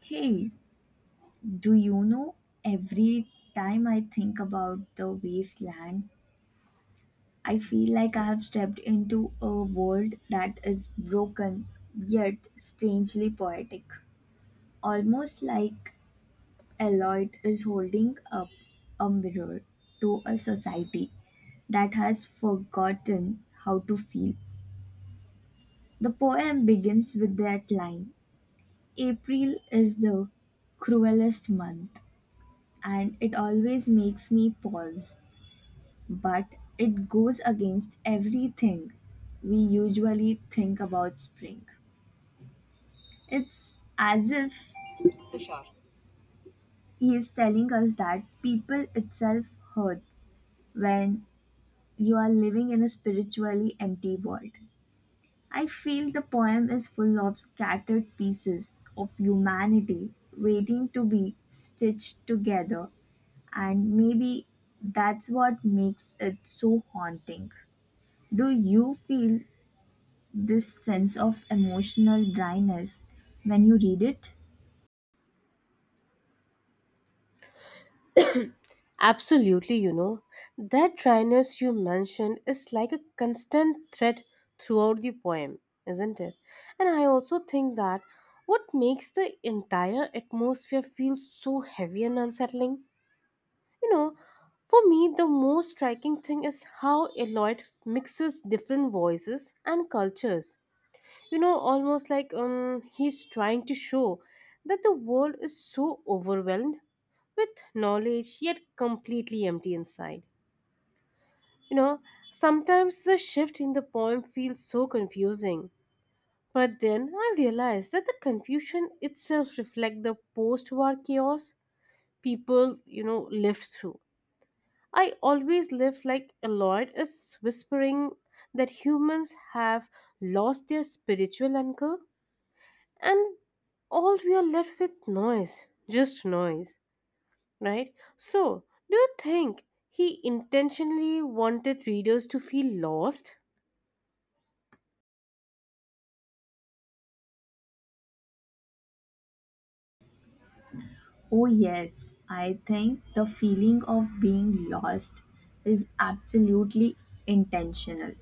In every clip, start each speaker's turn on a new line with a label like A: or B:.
A: Hey, do you know every time I think about the wasteland, I feel like I have stepped into a world that is broken yet strangely poetic. Almost like Eloyd is holding up a mirror to a society that has forgotten how to feel. The poem begins with that line April is the cruelest month and it always makes me pause. But it goes against everything we usually think about spring. It's as if he is telling us that people itself hurts when you are living in a spiritually empty world. I feel the poem is full of scattered pieces of humanity waiting to be stitched together, and maybe that's what makes it so haunting. Do you feel this sense of emotional dryness when you read it?
B: Absolutely, you know, that dryness you mentioned is like a constant thread throughout the poem, isn't it? And I also think that what makes the entire atmosphere feel so heavy and unsettling, you know, for me, the most striking thing is how Eloyd mixes different voices and cultures. You know, almost like he's trying to show that the world is so overwhelmed with knowledge yet completely empty inside, you know. Sometimes the shift in the poem feels so confusing, but then I realized that the confusion itself reflects the post-war chaos people, you know, lived through. I always live like Lloyd is whispering that humans have lost their spiritual anchor, and all we are left with noise, just noise, right? So, do you think he intentionally wanted readers to feel lost?
A: Oh, yes, I think the feeling of being lost is absolutely intentional.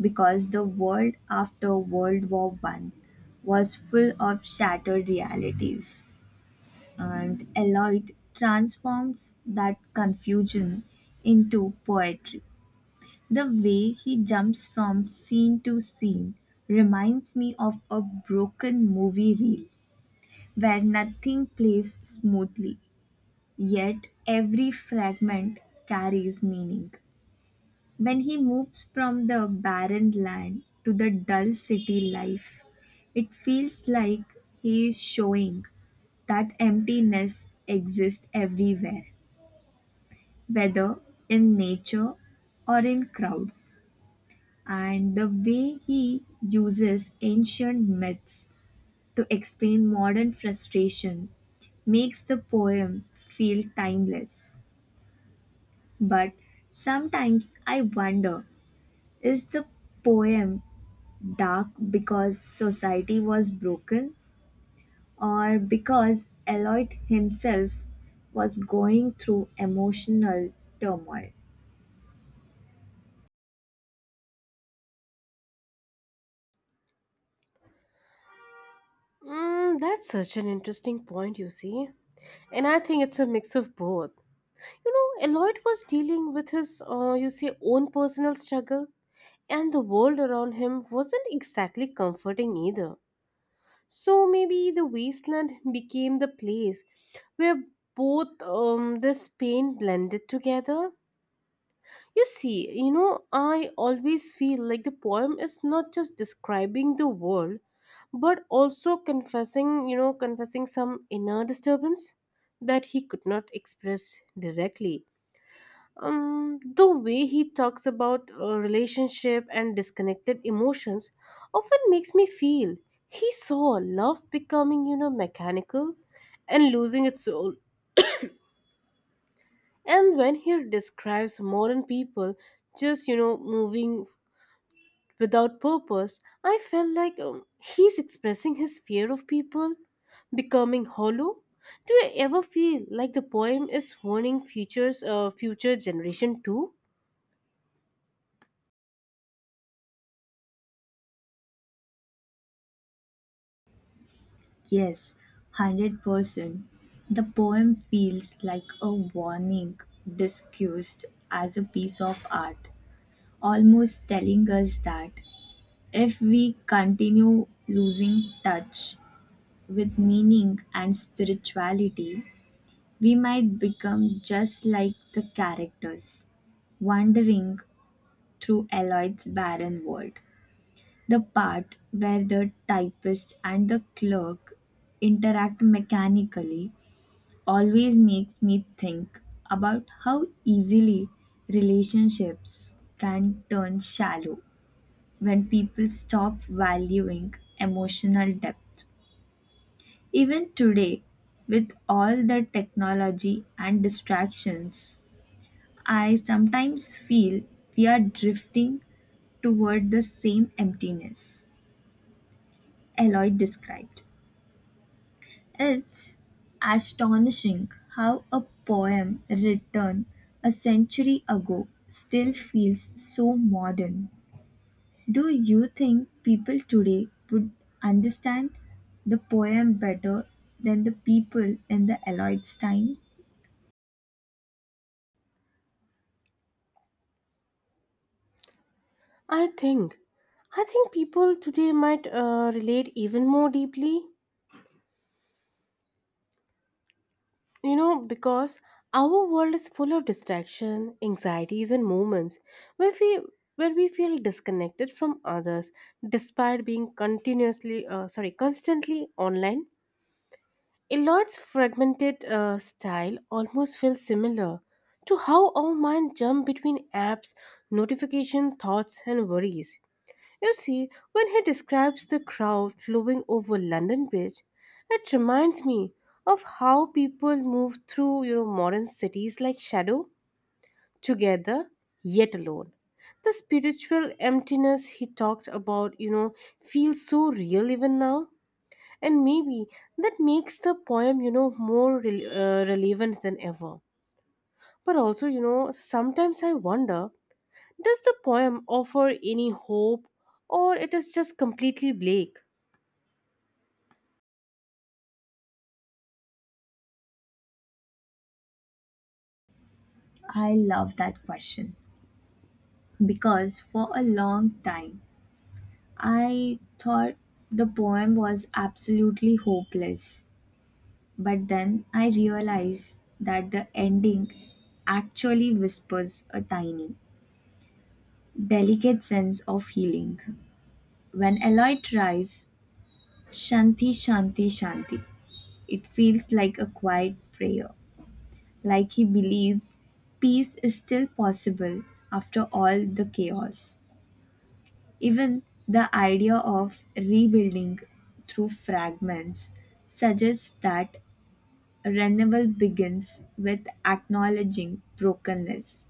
A: Because the world after World War One was full of shattered realities, and Eliot transforms that confusion into poetry. The way he jumps from scene to scene reminds me of a broken movie reel where nothing plays smoothly, yet every fragment carries meaning. When he moves from the barren land to the dull city life, it feels like he is showing that emptiness exists everywhere, whether in nature or in crowds. And the way he uses ancient myths to explain modern frustration makes the poem feel timeless. But sometimes I wonder, is the poem dark because society was broken or because Eloyd himself was going through emotional turmoil?
B: Mm, that's such an interesting point, you see, and I think it's a mix of both. You know, Eloyd was dealing with his you see own personal struggle, and the world around him wasn't exactly comforting either. So maybe the wasteland became the place where both this pain blended together. You see, you know, I always feel like the poem is not just describing the world, but also confessing, you know, confessing some inner disturbance that he could not express directly. The way he talks about relationship and disconnected emotions often makes me feel he saw love becoming, you know, mechanical and losing its soul. And when he describes modern people just, you know, moving without purpose, I felt like he's expressing his fear of people becoming hollow. Do you ever feel like the poem is warning futures, future generation too?
A: Yes, 100%. The poem feels like a warning disguised as a piece of art, almost telling us that if we continue losing touch with meaning and spirituality, we might become just like the characters, wandering through Eloy's barren world. The part where the typist and the clerk interact mechanically always makes me think about how easily relationships can turn shallow when people stop valuing emotional depth. Even today, with all the technology and distractions, I sometimes feel we are drifting toward the same emptiness Eloyd described. It's astonishing how a poem written a century ago still feels so modern. Do you think people today would understand the poem better than the people in the Eloyd's time?
B: I think, I think people today might relate even more deeply, you know, because our world is full of distraction, anxieties, and moments where we where we feel disconnected from others, despite being constantly online. Elod's fragmented style almost feels similar to how our mind jump between apps, notification, thoughts, and worries. You see, when he describes the crowd flowing over London Bridge, it reminds me of how people move through, you know, modern cities like shadow, together, yet alone. The spiritual emptiness he talked about, you know, feels so real even now. And maybe that makes the poem, you know, more relevant than ever. But also, you know, sometimes I wonder, does the poem offer any hope or it is just completely bleak?
A: I love that question because for a long time I thought the poem was absolutely hopeless, but then I realized that the ending actually whispers a tiny, delicate sense of healing. When Eloy tries Shanti Shanti Shanti, it feels like a quiet prayer, like he believes peace is still possible after all the chaos. Even the idea of rebuilding through fragments suggests that renewal begins with acknowledging brokenness.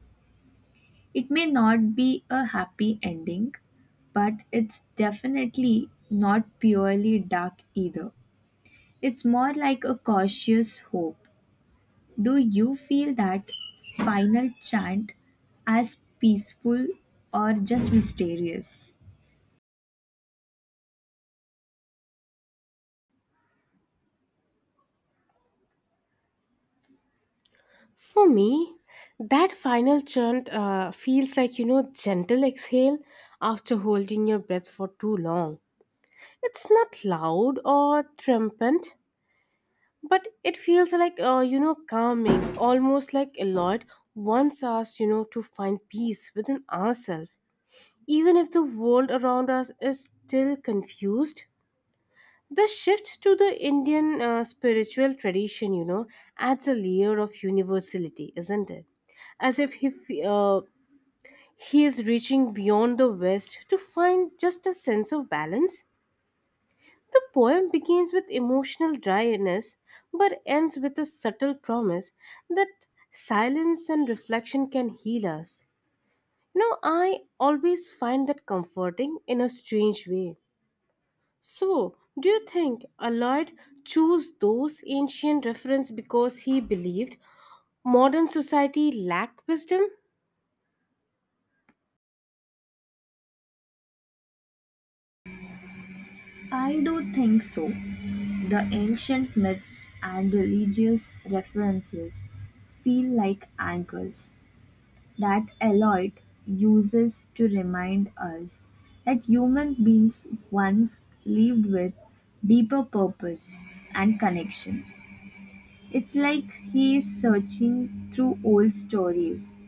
A: It may not be a happy ending, but it's definitely not purely dark either. It's more like a cautious hope. Do you feel that final chant as peaceful or just mysterious?
B: For me, that final chant feels like, you know, gentle exhale after holding your breath for too long. It's not loud or triumphant, but it feels like, you know, calming, almost like Lloyd once asked, you know, to find peace within ourselves. Even if the world around us is still confused, the shift to the Indian spiritual tradition, you know, adds a layer of universality, isn't it? As if he, f- He is reaching beyond the West to find just a sense of balance. The poem begins with emotional dryness but ends with a subtle promise that silence and reflection can heal us. You know, I always find that comforting in a strange way. So, do you think Alloyd chose those ancient references because he believed modern society lacked wisdom?
A: I do think so. The ancient myths and religious references feel like anchors that Eliot uses to remind us that human beings once lived with deeper purpose and connection. It's like he is searching through old stories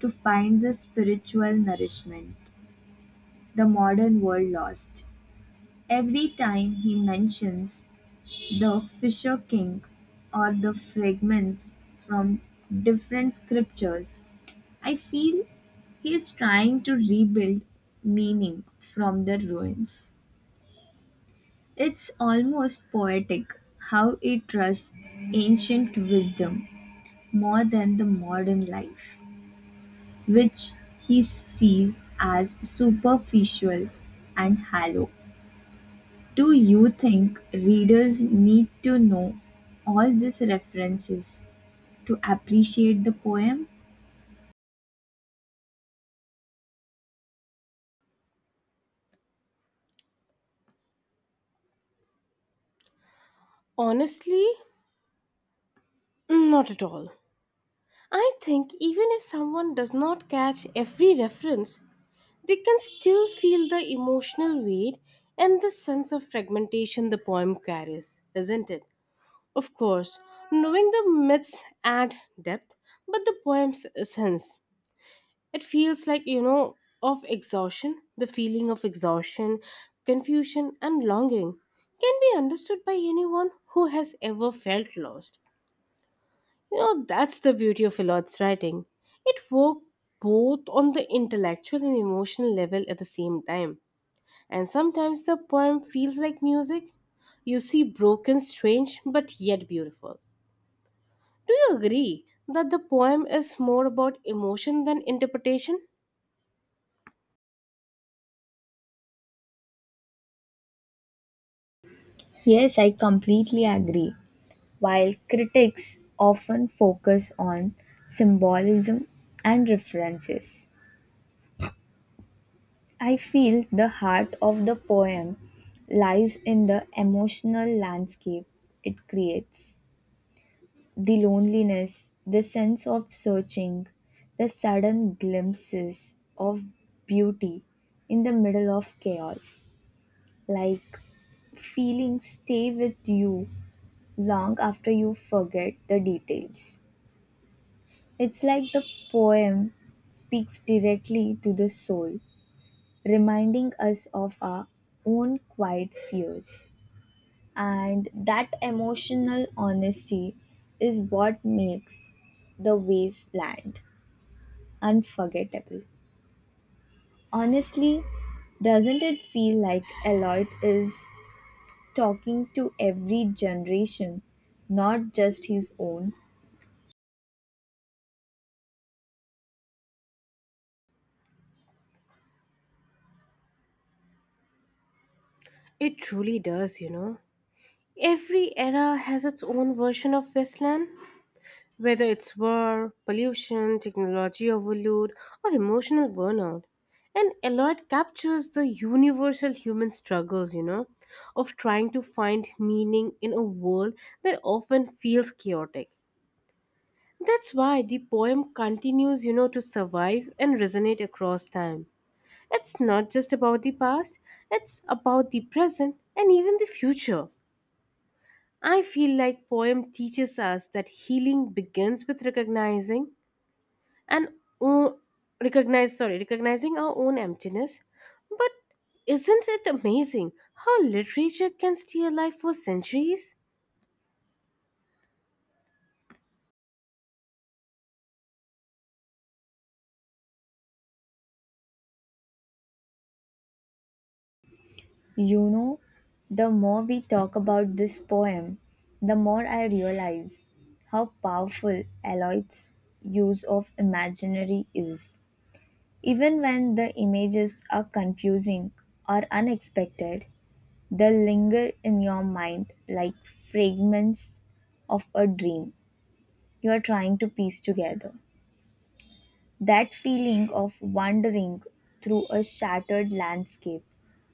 A: to find the spiritual nourishment the modern world lost. Every time he mentions the Fisher King, or the fragments from different scriptures, I feel he is trying to rebuild meaning from the ruins. It's almost poetic how he trusts ancient wisdom more than the modern life, which he sees as superficial and hollow. Do you think readers need to know all these references to appreciate the poem?
B: Honestly, not at all. I think even if someone does not catch every reference, they can still feel the emotional weight and the sense of fragmentation the poem carries, isn't it? Of course, knowing the myths add depth, but the poem's essence, it feels like, you know, of exhaustion the feeling of exhaustion, confusion and longing can be understood by anyone who has ever felt lost. You know, that's the beauty of Elod's writing. It worked both on the intellectual and emotional level at the same time, and sometimes the poem feels like music, you see, broken, strange, but yet beautiful. Do you agree that the poem is more about emotion than interpretation?
A: Yes, I completely agree. While critics often focus on symbolism and references, I feel the heart of the poem lies in the emotional landscape it creates. The loneliness, the sense of searching, the sudden glimpses of beauty in the middle of chaos, like feelings stay with you long after you forget the details. It's like the poem speaks directly to the soul, reminding us of our own quiet fears. And that emotional honesty is what makes the wasteland unforgettable. Honestly, doesn't it feel like Eloyd is talking to every generation, not just his own?
B: It truly does, you know. Every era has its own version of wasteland, whether it's war, pollution, technology overload, or emotional burnout. And Eloyd captures the universal human struggles, you know, of trying to find meaning in a world that often feels chaotic. That's why the poem continues, you know, to survive and resonate across time. It's not just about the past, it's about the present and even the future. I feel like poem teaches us that healing begins with recognizing and o- recognize sorry recognizing our own emptiness. But isn't it amazing how literature can stay alive for centuries?
A: You know, the more we talk about this poem, the more I realize how powerful Aloy's use of imaginary is. Even when the images are confusing or unexpected, they linger in your mind like fragments of a dream you are trying to piece together. That feeling of wandering through a shattered landscape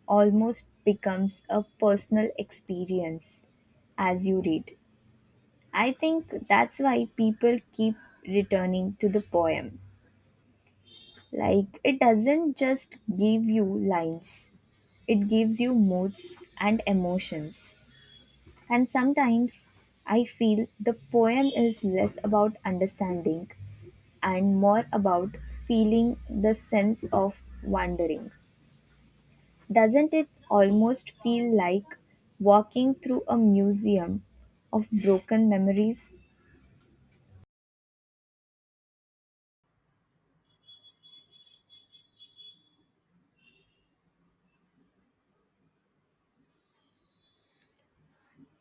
A: almost becomes a personal experience as you read. I think that's why people keep returning to the poem. Like, it doesn't just give you lines, it gives you moods and emotions. And sometimes I feel the poem is less about understanding and more about feeling the sense of wandering. Doesn't it almost feel like walking through a museum of broken memories?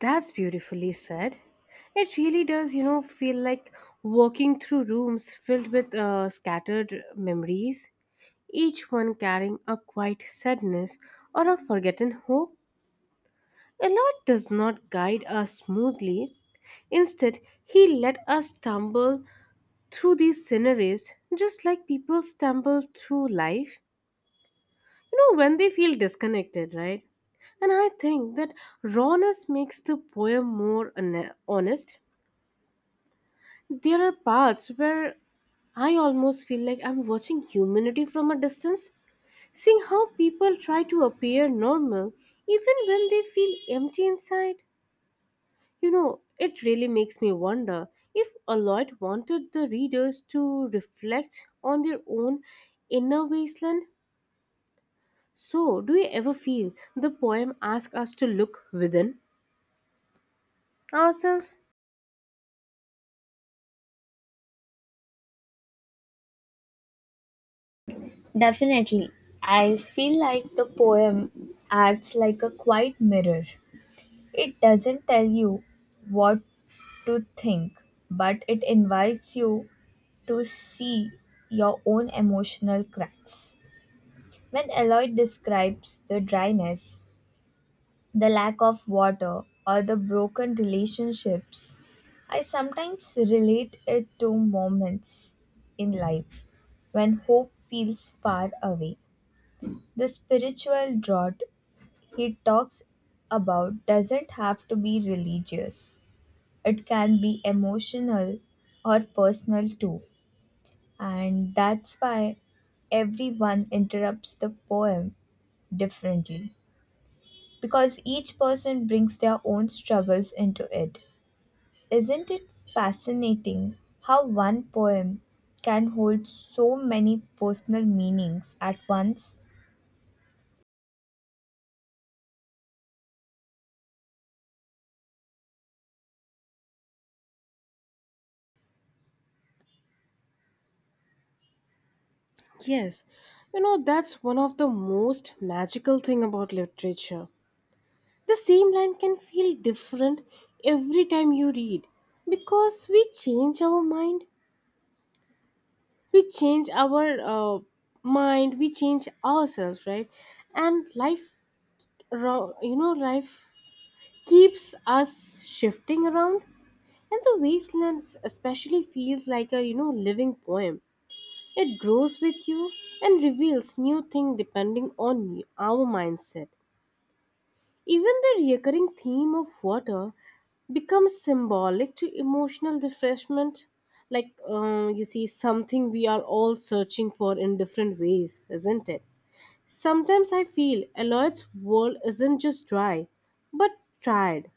B: That's beautifully said. It really does, you know, feel like walking through rooms filled with scattered memories, each one carrying a quiet sadness or a forgotten hope. A Lord does not guide us smoothly. Instead, he let us stumble through these sceneries just like people stumble through life. You know, when they feel disconnected, right? And I think that rawness makes the poem more honest. There are parts where I almost feel like I'm watching humanity from a distance, seeing how people try to appear normal even when they feel empty inside. You know, it really makes me wonder if Alloyd wanted the readers to reflect on their own inner wasteland. So, do you ever feel the poem asks us to look within ourselves?
A: Definitely. I feel like the poem acts like a quiet mirror. It doesn't tell you what to think, but it invites you to see your own emotional cracks. When Eloy describes the dryness, the lack of water, or the broken relationships, I sometimes relate it to moments in life when hope feels far away. The spiritual drought he talks about doesn't have to be religious. It can be emotional or personal too. And that's why everyone interrupts the poem differently, because each person brings their own struggles into it. Isn't it fascinating how one poem can hold so many personal meanings at once?
B: Yes, you know, that's one of the most magical thing about literature. The same line can feel different every time you read, because we change our mind, we change our uh, we change ourselves, right? And life, you know, life keeps us shifting around, and the wastelands especially feels like a, you know, living poem. It grows with you and reveals new thing depending on our mindset. Even the recurring theme of water becomes symbolic to emotional refreshment. Like, you see, something we are all searching for in different ways, isn't it? Sometimes I feel Eloy's world isn't just dry, but tried.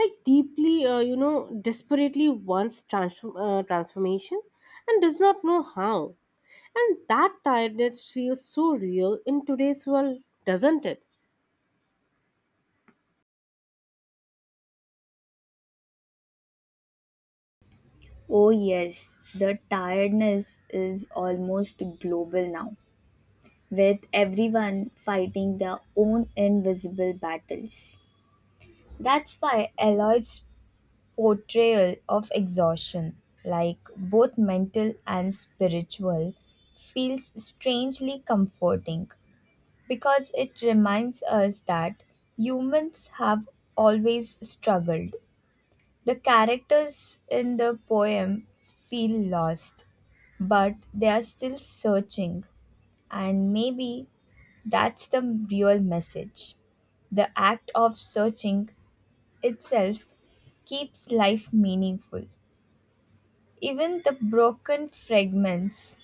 B: Like, deeply, you know, desperately wants transformation and does not know how. And that tiredness feels so real in today's world, doesn't it?
A: Oh, yes, the tiredness is almost global now, with everyone fighting their own invisible battles. That's why Eloy's portrayal of exhaustion, like both mental and spiritual, feels strangely comforting because it reminds us that humans have always struggled. The characters in the poem feel lost, but they are still searching, and maybe that's the real message. The act of searching itself keeps life meaningful. Even the broken fragments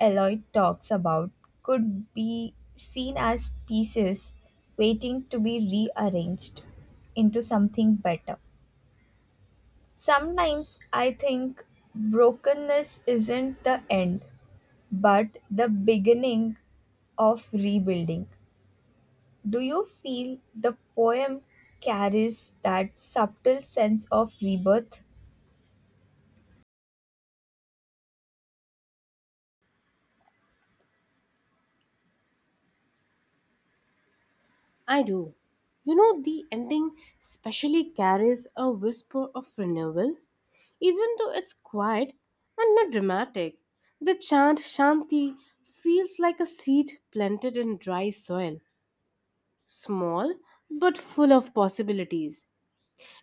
A: Eloy talks about could be seen as pieces waiting to be rearranged into something better. Sometimes I think brokenness isn't the end, but the beginning of rebuilding. Do you feel the poem carries that subtle sense of rebirth?
B: I do. You know, the ending specially carries a whisper of renewal, even though it's quiet and not dramatic. The chant Shanti feels like a seed planted in dry soil, small but full of possibilities.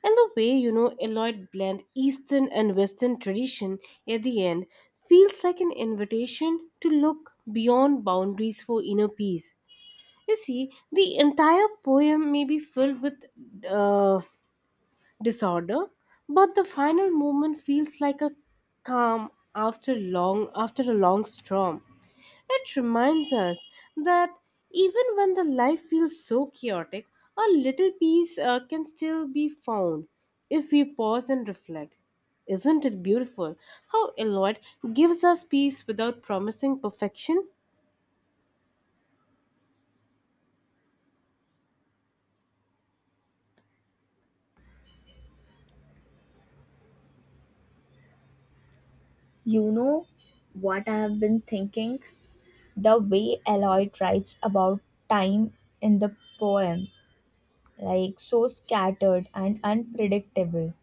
B: And the way, you know, Eloyd blend Eastern and Western tradition at the end feels like an invitation to look beyond boundaries for inner peace. You see, the entire poem may be filled with uh, disorder, but the final movement feels like a calm after a long storm. It reminds us that even when the life feels so chaotic, a little peace can still be found if we pause and reflect. Isn't it beautiful how Elliot gives us peace without promising perfection?
A: You know what I've been thinking? The way Eliot writes about time in the poem, like so scattered and unpredictable,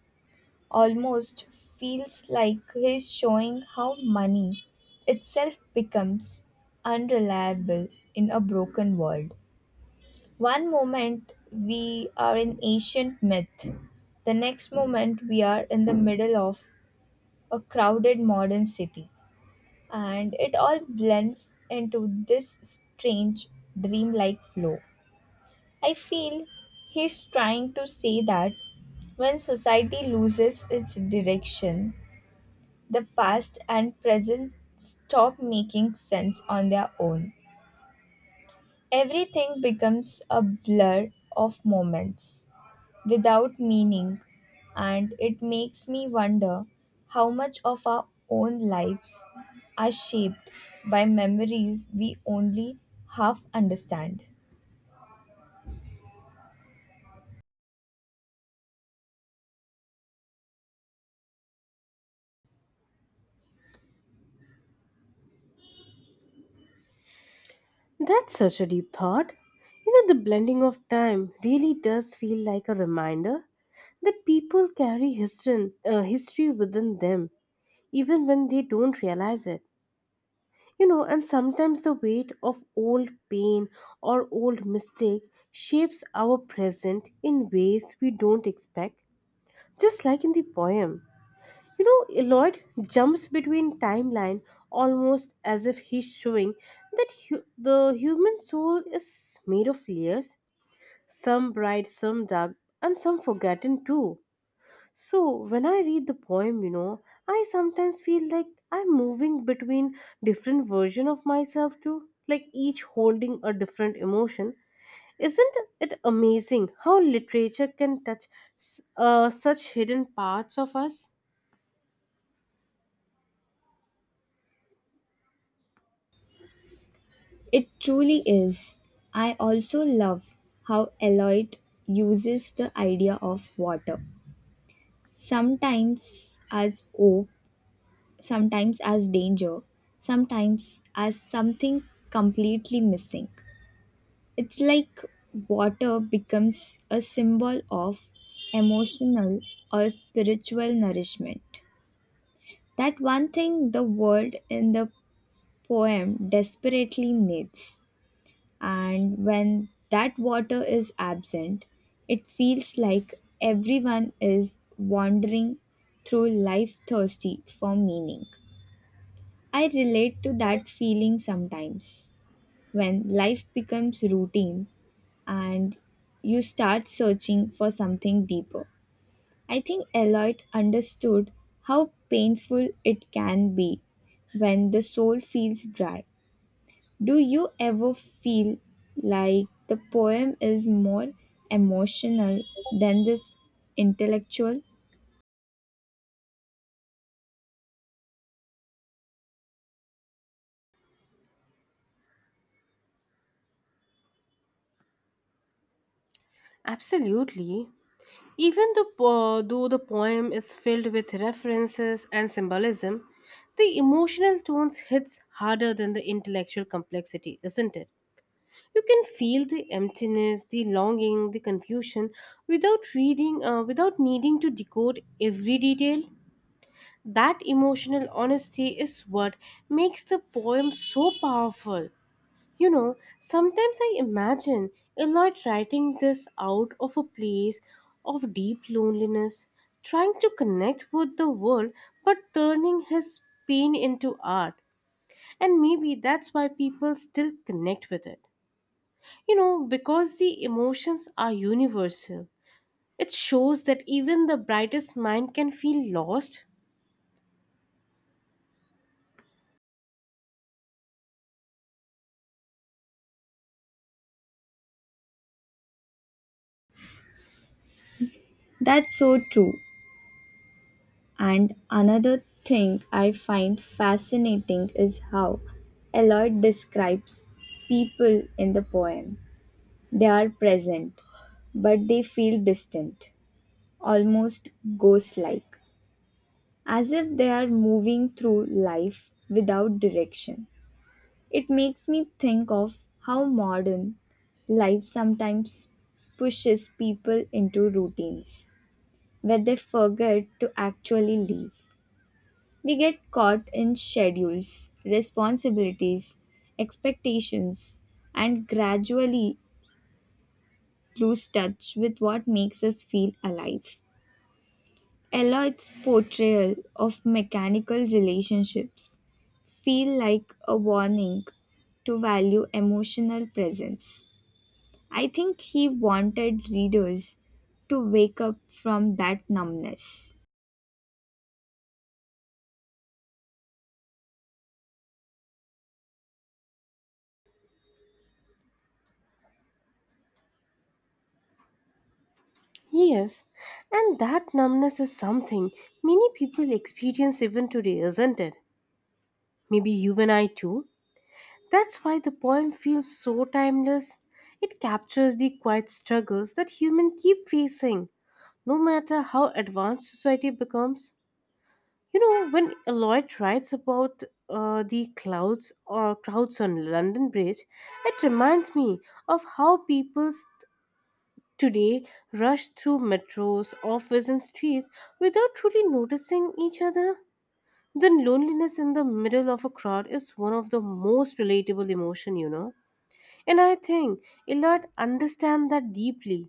A: almost feels like he's showing how money itself becomes unreliable in a broken world. One moment we are an ancient myth, the next moment we are in the middle of a crowded modern city, and it all blends into this strange dreamlike flow. I feel he's trying to say that when society loses its direction, the past and present stop making sense on their own. Everything becomes a blur of moments without meaning, and it makes me wonder how much of our own lives are shaped by memories we only half understand.
B: That's such a deep thought. You know, the blending of time really does feel like a reminder that people carry history within them, even when they don't realize it. You know, and sometimes the weight of old pain or old mistake shapes our present in ways we don't expect, just like in the poem. You know, Lloyd jumps between timeline almost as if he's showing that the human soul is made of layers, some bright, some dark, and some forgotten too. So when I read the poem, you know, I sometimes feel like I'm moving between different version of myself too, like each holding a different emotion. Isn't it amazing how literature can touch such hidden parts of us?
A: It truly is. I also love how Eloyd uses the idea of water. Sometimes as hope, sometimes as danger, sometimes as something completely missing. It's like water becomes a symbol of emotional or spiritual nourishment. That one thing the world in the poem desperately needs. And when that water is absent, it feels like everyone is wandering through life thirsty for meaning. I relate to that feeling sometimes when life becomes routine and you start searching for something deeper. I think Eliot understood how painful it can be when the soul feels dry. Do you ever feel like the poem is more emotional than this intellectual?
B: Absolutely. Even though the poem is filled with references and symbolism, the emotional tones hits harder than the intellectual complexity, isn't it? You can feel the emptiness, the longing, the confusion without without needing to decode every detail. That emotional honesty is what makes the poem so powerful. You know, sometimes I imagine Eloyd writing this out of a place of deep loneliness, trying to connect with the world but turning his pain into art. And maybe that's why people still connect with it. You know, because the emotions are universal. It shows that even the brightest mind can feel lost.
A: That's so true. And another thing I find fascinating is how Eliot describes people in the poem. They are present, but they feel distant, almost ghost like, as if they are moving through life without direction. It makes me think of how modern life sometimes pushes people into routines where they forget to actually live. We get caught in schedules, responsibilities, expectations, and gradually lose touch with what makes us feel alive. Eliot's portrayal of mechanical relationships feel like a warning to value emotional presence. I think he wanted readers to wake up from that numbness.
B: Yes, and that numbness is something many people experience even today, isn't it? Maybe you and I too. That's why the poem feels so timeless. It captures the quiet struggles that humans keep facing, no matter how advanced society becomes. You know, when Lloyd writes about the clouds or crowds on London Bridge, it reminds me of how people today rush through metros, office, and streets without truly noticing each other. Then loneliness in the middle of a crowd is one of the most relatable emotion, you know. And I think Illard understands that deeply.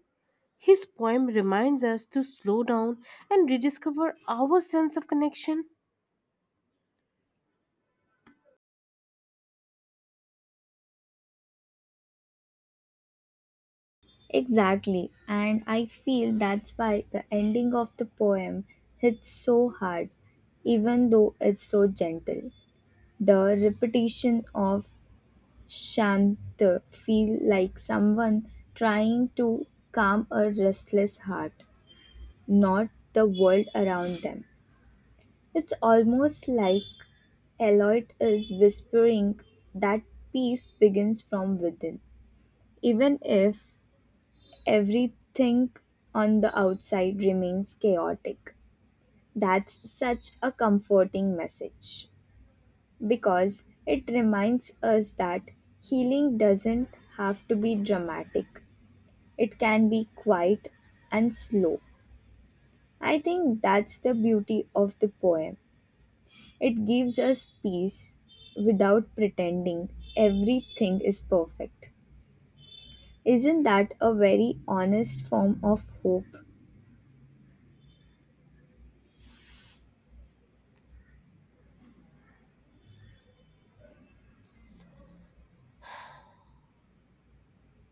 B: His poem reminds us to slow down and rediscover our sense of connection.
A: Exactly, and I feel that's why the ending of the poem hits so hard, even though it's so gentle. The repetition of Shantha feel like someone trying to calm a restless heart, not the world around them. It's almost like Eloyd is whispering that peace begins from within. Even if everything on the outside remains chaotic, that's such a comforting message because it reminds us that healing doesn't have to be dramatic. It can be quiet and slow. I think that's the beauty of the poem. It gives us peace without pretending everything is perfect. Isn't that a very honest form of hope?